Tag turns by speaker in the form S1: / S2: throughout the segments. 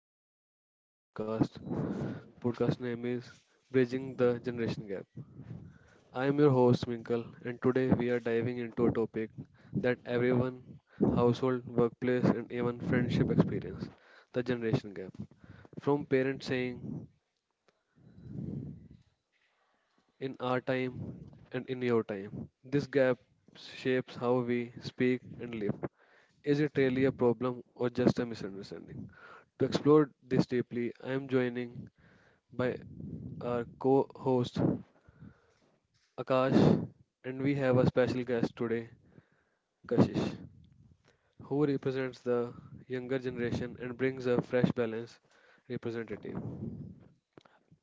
S1: another episode of podcast. Podcast name is Bridging the Generation Gap. I am your host Minkle and today we are diving into a topic that everyone household, workplace and even friendship experience, the generation gap. From parents saying in our time and in your time. This gap shapes how we speak and live. Is it really a problem or just a misunderstanding? To explore this deeply, I am joining by our co host Kash, and we have a special guest today, Kashish, who represents the younger generation and brings a fresh balance representative.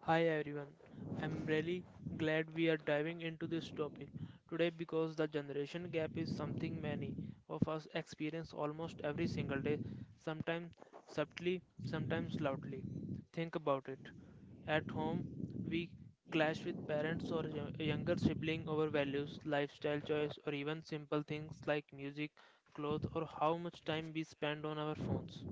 S2: Hi everyone, I'm really glad we are diving into this topic today because the generation gap is something many of us experience almost every single day, sometimes subtly, sometimes loudly. Think about it. At home, we clash with parents or younger sibling over values, lifestyle choice, or even simple things like music, clothes, or how much time we spend on our phones.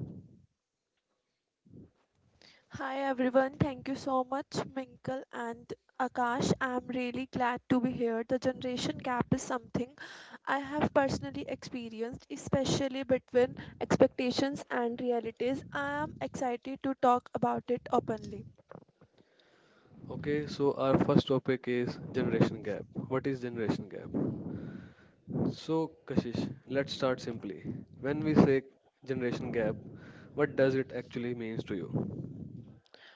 S3: Hi everyone, thank you so much, Minkle and Akash. I'm really glad to be here. The generation gap is something I have personally experienced, especially between expectations and realities. I am excited to talk about it openly.
S1: Okay, so our first topic is generation gap. What is generation gap? So, Kashish, let's start simply. When we say generation gap, what does it actually means to you?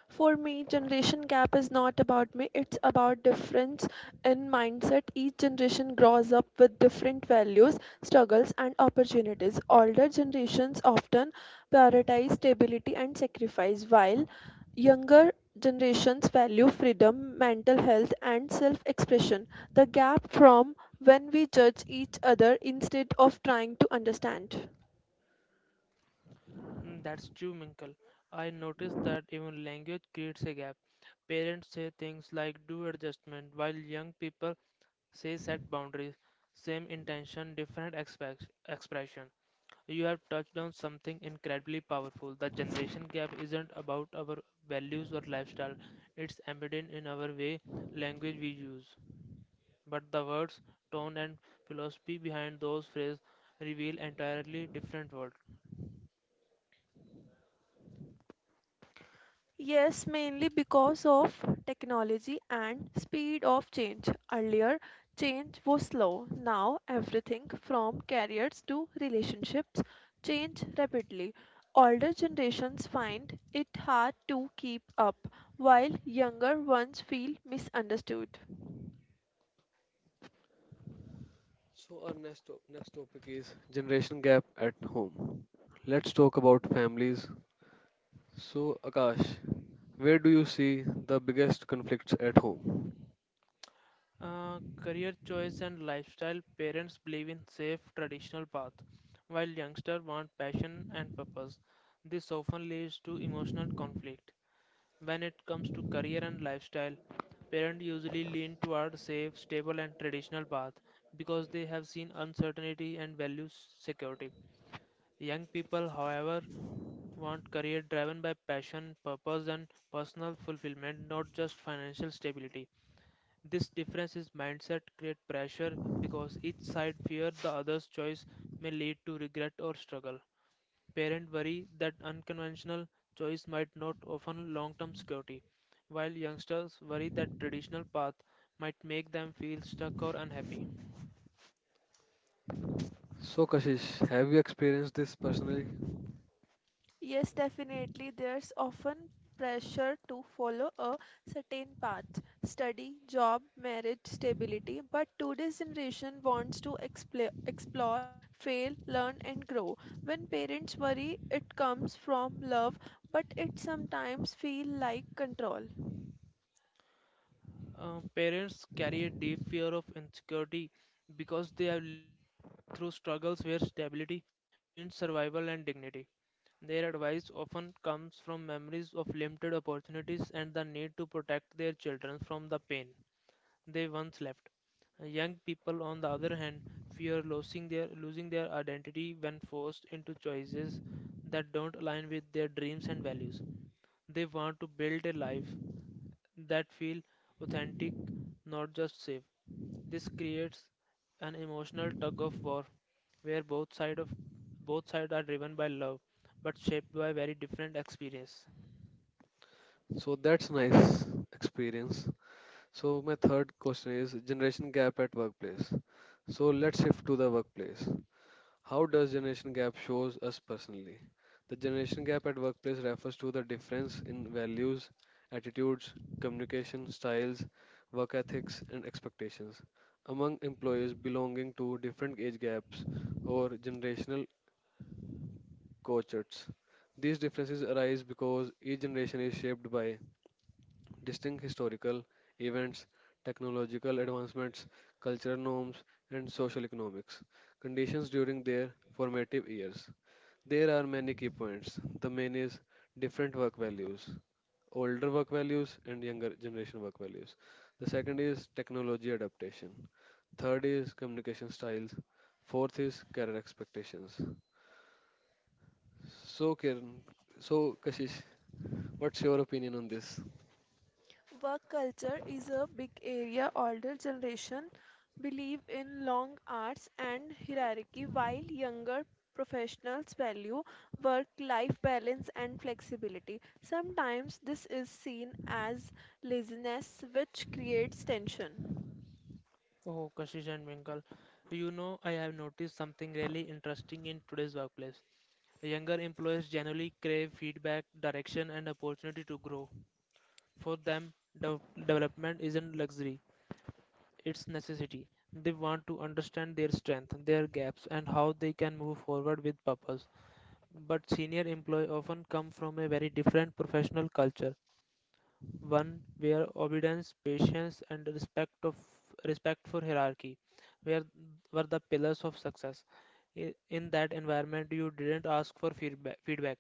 S3: For me, generation gap is not about me, it's about difference in mindset. Each generation grows up with different values, struggles, and opportunities. Older generations often prioritize stability and sacrifice, while younger generations value freedom, mental health, and self expression. The gap from when we judge each other instead of trying to understand.
S2: Mm, that's true, Minkle. I noticed that even language creates a gap. Parents say things like do adjustment, while young people say set boundaries. Same intention, different expect expression. You have touched on something incredibly powerful. The generation gap isn't about our values or lifestyle, it's embedded in our way language we use. But the words, tone, and philosophy behind those phrases reveal entirely different world.
S3: Yes, mainly because of technology and speed of change. Earlier, change was slow. Now, everything from careers to relationships change rapidly. Older generations find it hard to keep up, while younger ones feel misunderstood.
S1: So, our next, next topic is generation gap at home. Let's talk about families. So, Akash, where do you see the biggest conflicts at home?
S2: Career choice and lifestyle parents believe in safe traditional path while youngsters want passion and purpose this often leads to emotional conflict when it comes to career and lifestyle parents usually lean toward safe stable and traditional path because they have seen uncertainty and value security young people however want career driven by passion purpose and personal fulfillment not just financial stability this difference in mindset creates pressure because each side fears the other's choice may lead to regret or struggle. Parents worry that unconventional choice might not offer long-term security, while youngsters worry that traditional path might make them feel stuck or unhappy.
S1: So, Kashish, have you experienced this personally?
S3: Yes, definitely. There's often pressure to follow a certain path study, job, marriage, stability. But today's generation wants to explore, explore, fail, learn, and grow. When parents worry, it comes from love, but it sometimes feels like control.
S2: Parents carry a deep fear of insecurity because they have lived through struggles where stability means survival and dignity. Their advice often comes from memories of limited opportunities and the need to protect their children from the pain they once left. Young people, on the other hand, fear losing their identity when forced into choices that don't align with their dreams and values. They want to build a life that feels authentic, not just safe. This creates an emotional tug of war where both sides are driven by love but shaped by very different experience.
S1: So, that's nice experience. So, my third question is generation gap at workplace. So, let's shift to the workplace. How does generation gap shows us personally? The generation gap at workplace refers to the difference in values, attitudes, communication styles, work ethics and expectations among employees belonging to different age gaps or generational cohorts. These differences arise because each generation is shaped by distinct historical events, technological advancements, cultural norms, and social economics conditions during their formative years. There are many key points. The main is different work values, older work values and younger generation work values. The second is technology adaptation. Third is communication styles. Fourth is career expectations. So Kiran, so Kashish, what's your opinion on this?
S3: Work culture is a big area. Older generation believe in long hours and hierarchy, while younger professionals value work-life balance and flexibility. Sometimes this is seen as laziness, which creates tension.
S2: Oh, Kashish and Winkle, do you know I have noticed something really interesting in today's workplace? Younger employees generally crave feedback, direction, and opportunity to grow. For them, dev- development isn't luxury, it's necessity. They want to understand their strength, their gaps, and how they can move forward with purpose. But senior employees often come from a very different professional culture one where obedience, patience, and respect for hierarchy were were the pillars of success. In that environment, you didn't ask for feedback. Feedback.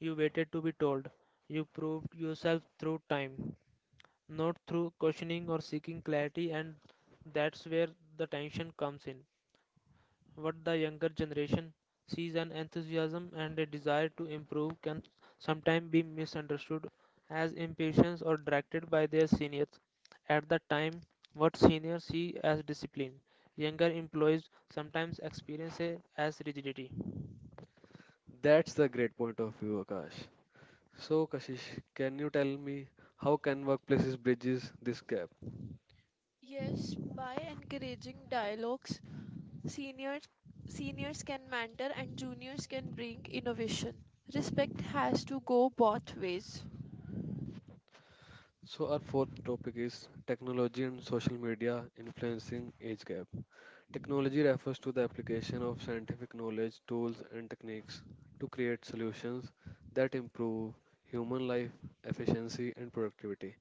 S2: You waited to be told. You proved yourself through time, not through questioning or seeking clarity, and that's where the tension comes in. What the younger generation sees an enthusiasm and a desire to improve can sometimes be misunderstood as impatience or directed by their seniors. At the time, what seniors see as discipline, younger employees sometimes experience it as rigidity.
S1: That's the great point of view, Akash. So Kashish, can you tell me how can workplaces bridges this gap?
S3: Yes, by encouraging dialogues, seniors seniors can mentor and juniors can bring innovation. Respect has to go both ways.
S1: So, our fourth topic is technology and social media influencing age gap. Technology refers to the application of scientific knowledge, tools, and techniques to create solutions that improve human life efficiency and productivity.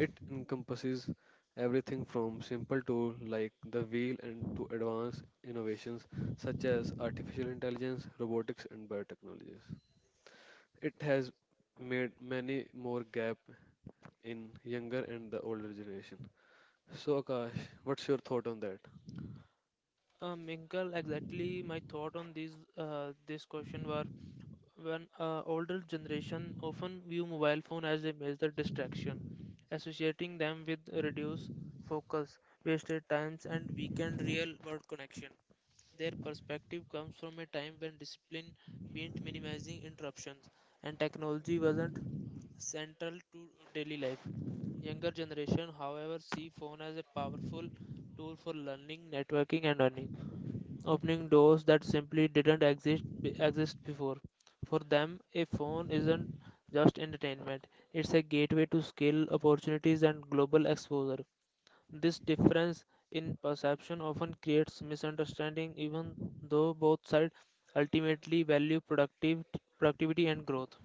S1: It encompasses everything from simple tools like the wheel and to advanced innovations such as artificial intelligence, robotics, and biotechnologies. It has made many more gap in younger and the older generation. So Akash, what's your thought on that?
S2: Minkle, exactly my thought on these this question were when older generation often view mobile phone as a major distraction, associating them with reduced focus, wasted times, and weakened real-world connection. Their perspective comes from a time when discipline meant minimizing interruptions, and technology wasn't central to daily life. Younger generation, however, see phone as a powerful tool for learning, networking, and earning opening doors that simply didn't exist before. For them, a phone isn't just entertainment; it's a gateway to skill, opportunities, and global exposure. This difference in perception often creates misunderstanding, even though both sides ultimately value productive productivity and growth.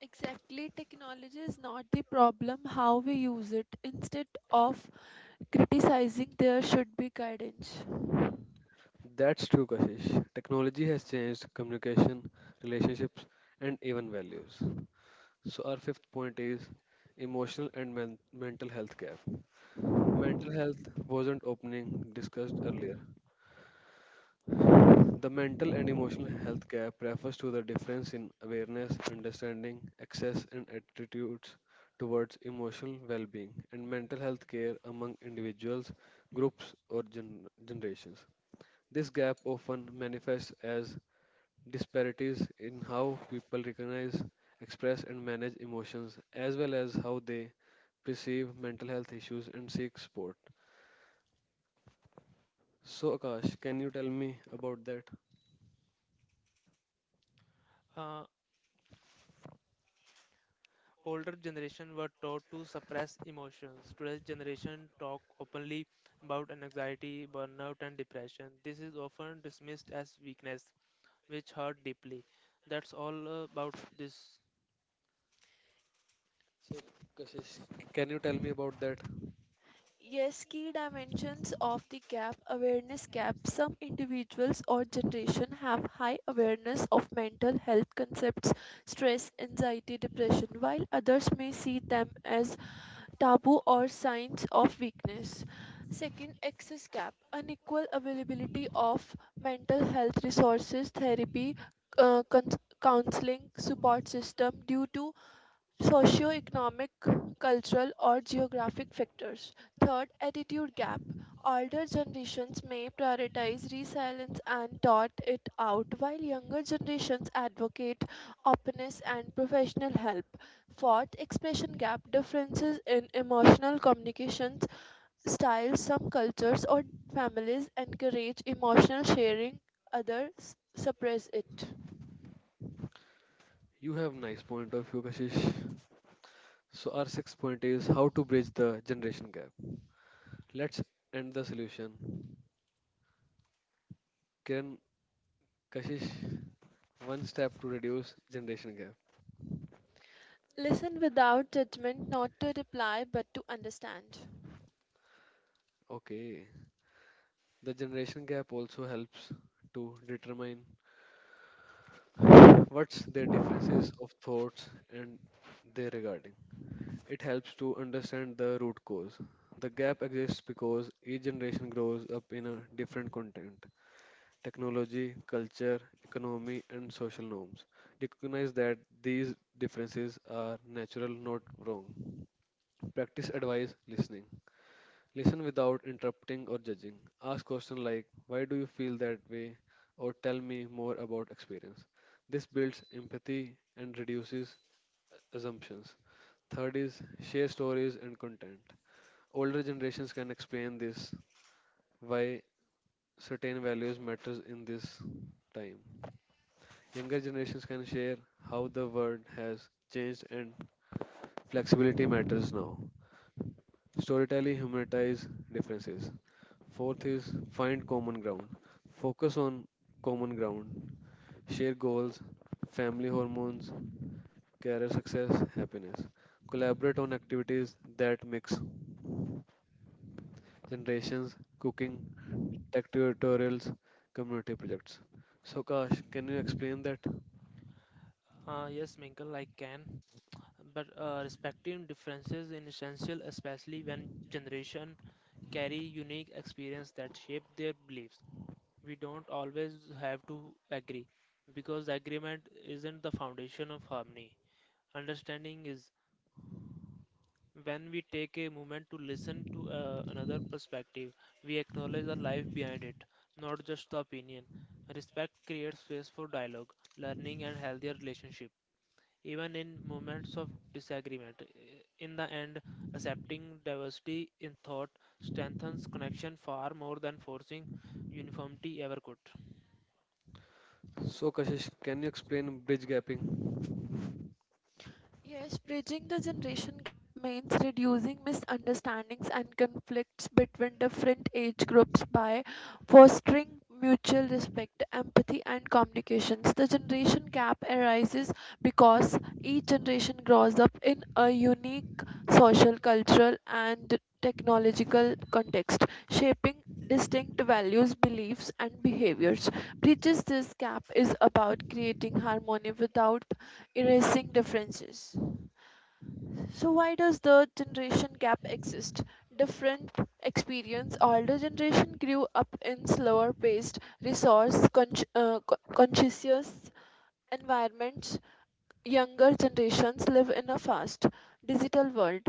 S3: Exactly, technology is not the problem, how we use it. Instead of criticizing, there should be guidance.
S1: That's true, Kashish. Technology has changed communication, relationships, and even values. So, our fifth point is emotional and mental health gap. Mental health wasn't opening discussed earlier. The mental and emotional health gap refers to the difference in awareness, understanding, access, and attitudes towards emotional well being and mental health care among individuals, groups, or generations. This gap often manifests as disparities in how people recognize, express, and manage emotions, as well as how they perceive mental health issues and seek support. So, Akash, can you tell me about that?
S2: Uh, Older generation were taught to suppress emotions. Today's generation talk openly about anxiety, burnout, and depression. This is often dismissed as weakness, which hurt deeply. That's all about this.
S1: So, Kashish, can you tell me about that?
S3: Yes, key dimensions of the gap awareness gap. Some individuals or generation have high awareness of mental health concepts, stress, anxiety, depression, while others may see them as taboo or signs of weakness. Second, access gap, unequal availability of mental health resources, therapy, counseling, support system due to socioeconomic, cultural, or geographic factors. Third, attitude gap. Older generations may prioritize resilience and taught it out, while younger generations advocate openness and professional help. Fourth, expression gap. Differences in emotional communications styles. Some cultures or families encourage emotional sharing, others suppress it.
S1: You have nice point of view, Kashish. So, our sixth point is how to bridge the generation gap. Let's end the solution. Kiran, Kashish, one step to reduce generation gap.
S3: Listen without judgment, not to reply but to understand.
S1: Okay. The generation gap also helps to determine what's their differences of thoughts and their regarding. It helps to understand the root cause. The gap exists because each generation grows up in a different content technology, culture, economy, and social norms. Recognize that these differences are natural, not wrong. Practice advice listening. Listen without interrupting or judging. Ask questions like, why do you feel that way? Or tell me more about experience. This builds empathy and reduces assumptions. Third is share stories and content. Older generations can explain this why certain values matters in this time. Younger generations can share how the world has changed and flexibility matters now. Storytelling humanities differences. Fourth is find common ground. Focus on common ground. Share goals, family hormones, career success, happiness. Collaborate on activities that mix generations, cooking, tech tutorials, community projects. So Kash, can you explain that?
S2: Yes, Minkle, I can. But respecting differences is essential, especially when generation carry unique experience that shape their beliefs. We don't always have to agree because agreement isn't the foundation of harmony. Understanding is when we take a moment to listen to another perspective, we acknowledge the life behind it, not just the opinion. Respect creates space for dialogue, learning, and healthier relationship. Even in moments of disagreement, in the end, accepting diversity in thought strengthens connection far more than forcing uniformity ever could.
S1: So Kashish, can you explain bridge gapping?
S3: Yes, bridging the generation gap means reducing misunderstandings and conflicts between different age groups by fostering mutual respect, empathy, and communications. The generation gap arises because each generation grows up in a unique social, cultural, and technological context, shaping distinct values, beliefs, and behaviors. Bridges this gap is about creating harmony without erasing differences. So why does the generation gap exist? Different experience. Older generation grew up in slower paced, conscious environments. Younger generations live in a fast digital world.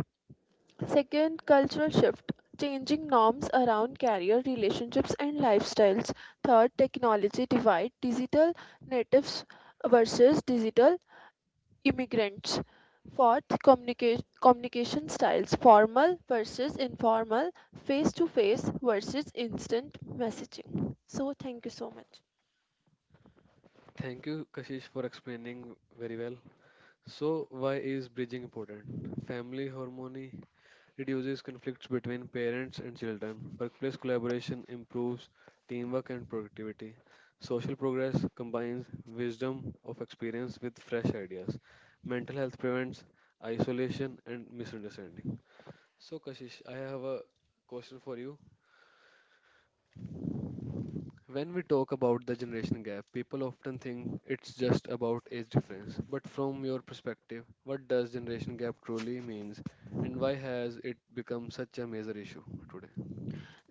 S3: Second, cultural shift, changing norms around career, relationships, and lifestyles. Third, technology divide, digital natives versus digital immigrants. Fourth, communication styles, formal versus informal, face to face versus instant messaging. So, thank you so much.
S1: Thank you, Kashish, for explaining very well. So, why is bridging important? Family harmony reduces conflicts between parents and children. Workplace collaboration improves teamwork and productivity. Social progress combines wisdom of experience with fresh ideas. Mental health prevents isolation and misunderstanding. So, Kashish, I have a question for you. When we talk about the generation gap, people often think it's just about age difference. But from your perspective, what does generation gap truly means and why has it become such a major issue today?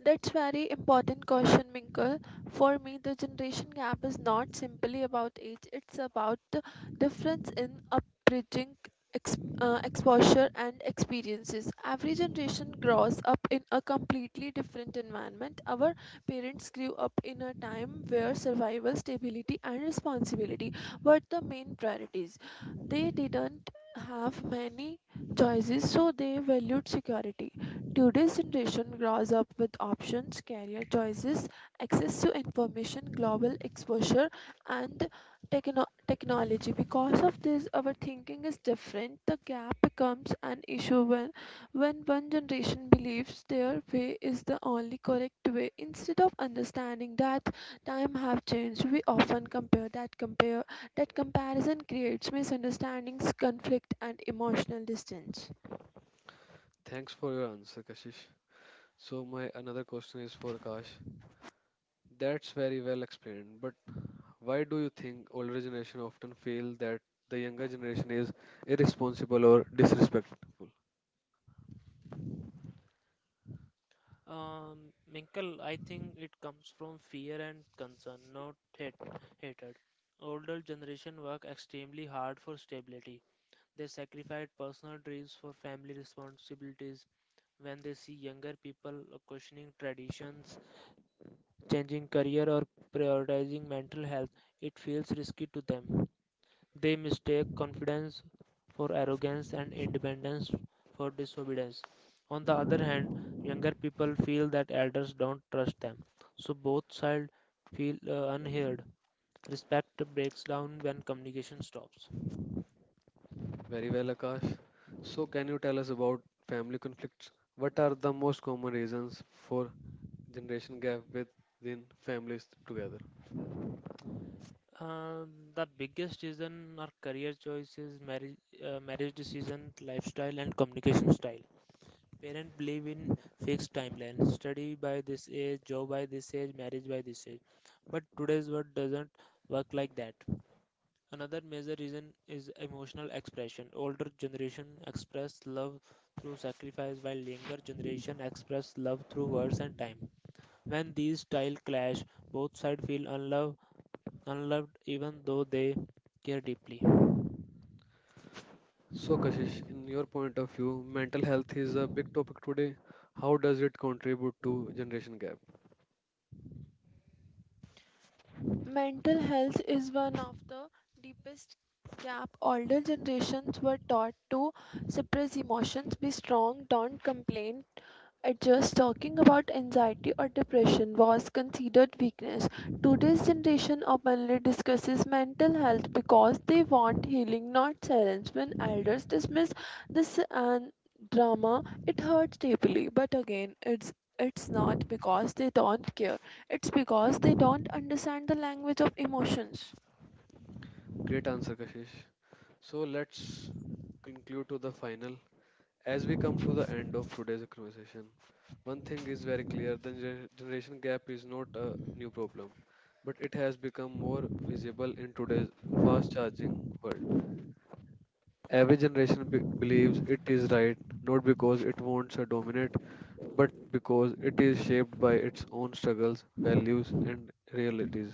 S3: That's very important question, Minkle. For me, the generation gap is not simply about age; it's about the difference in upbringing, exposure, and experiences. Every generation grows up in a completely different environment. Our parents grew up in a time where survival, stability, and responsibility were the main priorities. They didn't have many choices, so they valued security. Today's generation grows up with options, career choices, access to information, global exposure, and technology. Because of this, our thinking is different. The gap becomes an issue when one generation believes their way is the only correct way. Instead of understanding that time have changed, we often compare. That comparison creates misunderstandings, conflict, and emotional distance.
S1: Thanks for your answer, Kashish. So my another question is for Akash. That's very well explained, but why do you think older generation often feel that the younger generation is irresponsible or disrespectful?
S2: Minkle, I think it comes from fear and concern, not hate, hatred. Older generation work extremely hard for stability. They sacrifice personal dreams for family responsibilities. When they see younger people questioning traditions, changing career, or prioritizing mental health, it feels risky to them. They mistake confidence for arrogance and independence for disobedience. On the other hand, younger people feel that elders don't trust them, so both sides feel unheard. Respect breaks down when communication stops.
S1: Very well, Akash. So, can you tell us about family conflicts? What are the most common reasons for generation gap within families together?
S2: Uh, the biggest reason are career choices, marriage, marriage decisions, lifestyle, and communication style. Parents believe in fixed timelines, study by this age, job by this age, marriage by this age. But today's world doesn't work like that. Another major reason is emotional expression. Older generation express love through sacrifice while younger generation express love through words and time. When these styles clash, both sides feel unloved even though they care deeply.
S1: So, Kashish, in your point of view, mental health is a big topic today. How does it contribute to generation gap?
S3: Mental health is one of the deepest gap. Older generations were taught to suppress emotions, be strong, don't complain, at Just talking about anxiety or depression was considered weakness. Today's generation openly discusses mental health because they want healing, not silence. When elders dismiss this and drama, it hurts deeply. But again, it's not because they don't care. It's because they don't understand the language of emotions.
S1: Great answer, Kashish. So, let's conclude to the final. As we come to the end of today's conversation, one thing is very clear the generation gap is not a new problem, but it has become more visible in today's fast charging world. Every generation believes it is right, not because it wants to dominate, but because it is shaped by its own struggles, values, and realities.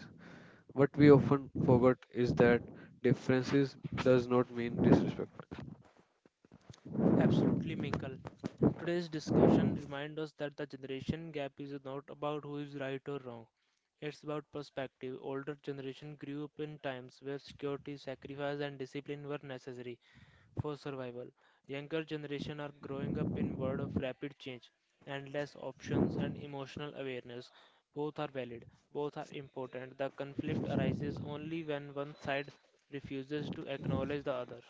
S1: What we often forget is that differences does not mean disrespect.
S2: Absolutely, Minkle. Today's discussion reminds us that the generation gap is not about who is right or wrong. It's about perspective. Older generation grew up in times where security, sacrifice, and discipline were necessary for survival. Younger generation are growing up in world of rapid change, endless options, and emotional awareness. Both are valid. Both are important. The conflict arises only when one side refuses to acknowledge the other.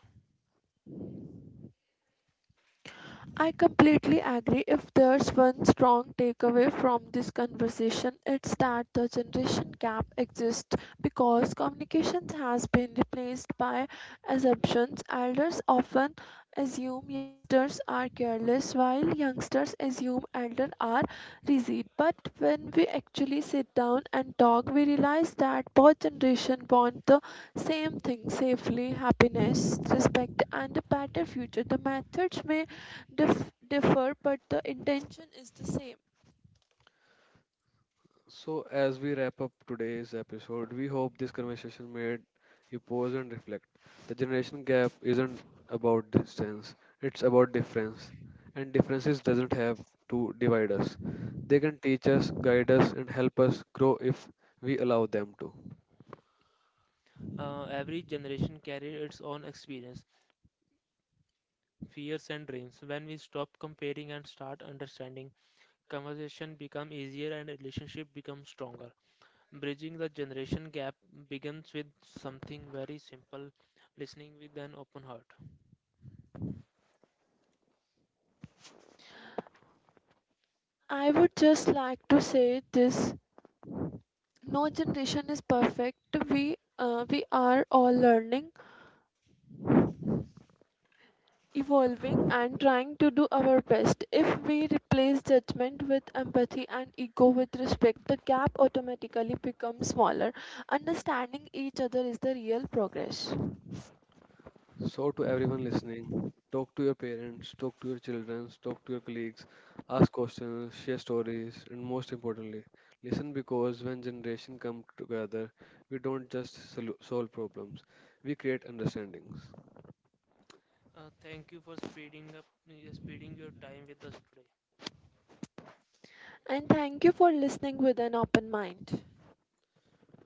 S3: I completely agree. If there's one strong takeaway from this conversation, it's that the generation gap exists because communications has been replaced by assumptions. Elders often assume youngsters are careless, while youngsters assume elders are rigid. But when we actually sit down and talk, we realize that both generations want the same thing safely, happiness, respect, and a better future. The methods may differ, but the intention is the same.
S1: So, as we wrap up today's episode, we hope this conversation made you pause and reflect. The generation gap isn't about distance, it's about difference. And differences doesn't have to divide us. They can teach us, guide us, and help us grow if we allow them to.
S2: Every generation carries its own experience. Fears and dreams. When we stop comparing and start understanding, conversation become easier and relationship become stronger. Bridging the generation gap begins with something very simple, listening with an open heart.
S3: I would just like to say this: no generation is perfect. We are all learning, evolving, and trying to do our best. If we replace judgment with empathy and ego with respect, the gap automatically becomes smaller. Understanding each other is the real progress.
S1: So, to everyone listening, talk to your parents, talk to your children, talk to your colleagues, ask questions, share stories, and most importantly, listen because when generations come together, we don't just solve problems, we create understandings.
S2: Thank you for speeding up, Speeding your time with us today.
S3: And thank you for listening with an open mind.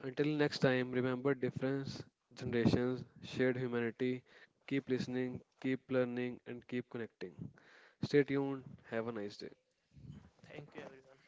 S1: Until next time, remember difference, generations, shared humanity. Keep listening, keep learning, and keep connecting. Stay tuned. Have a nice day.
S2: Thank you, everyone.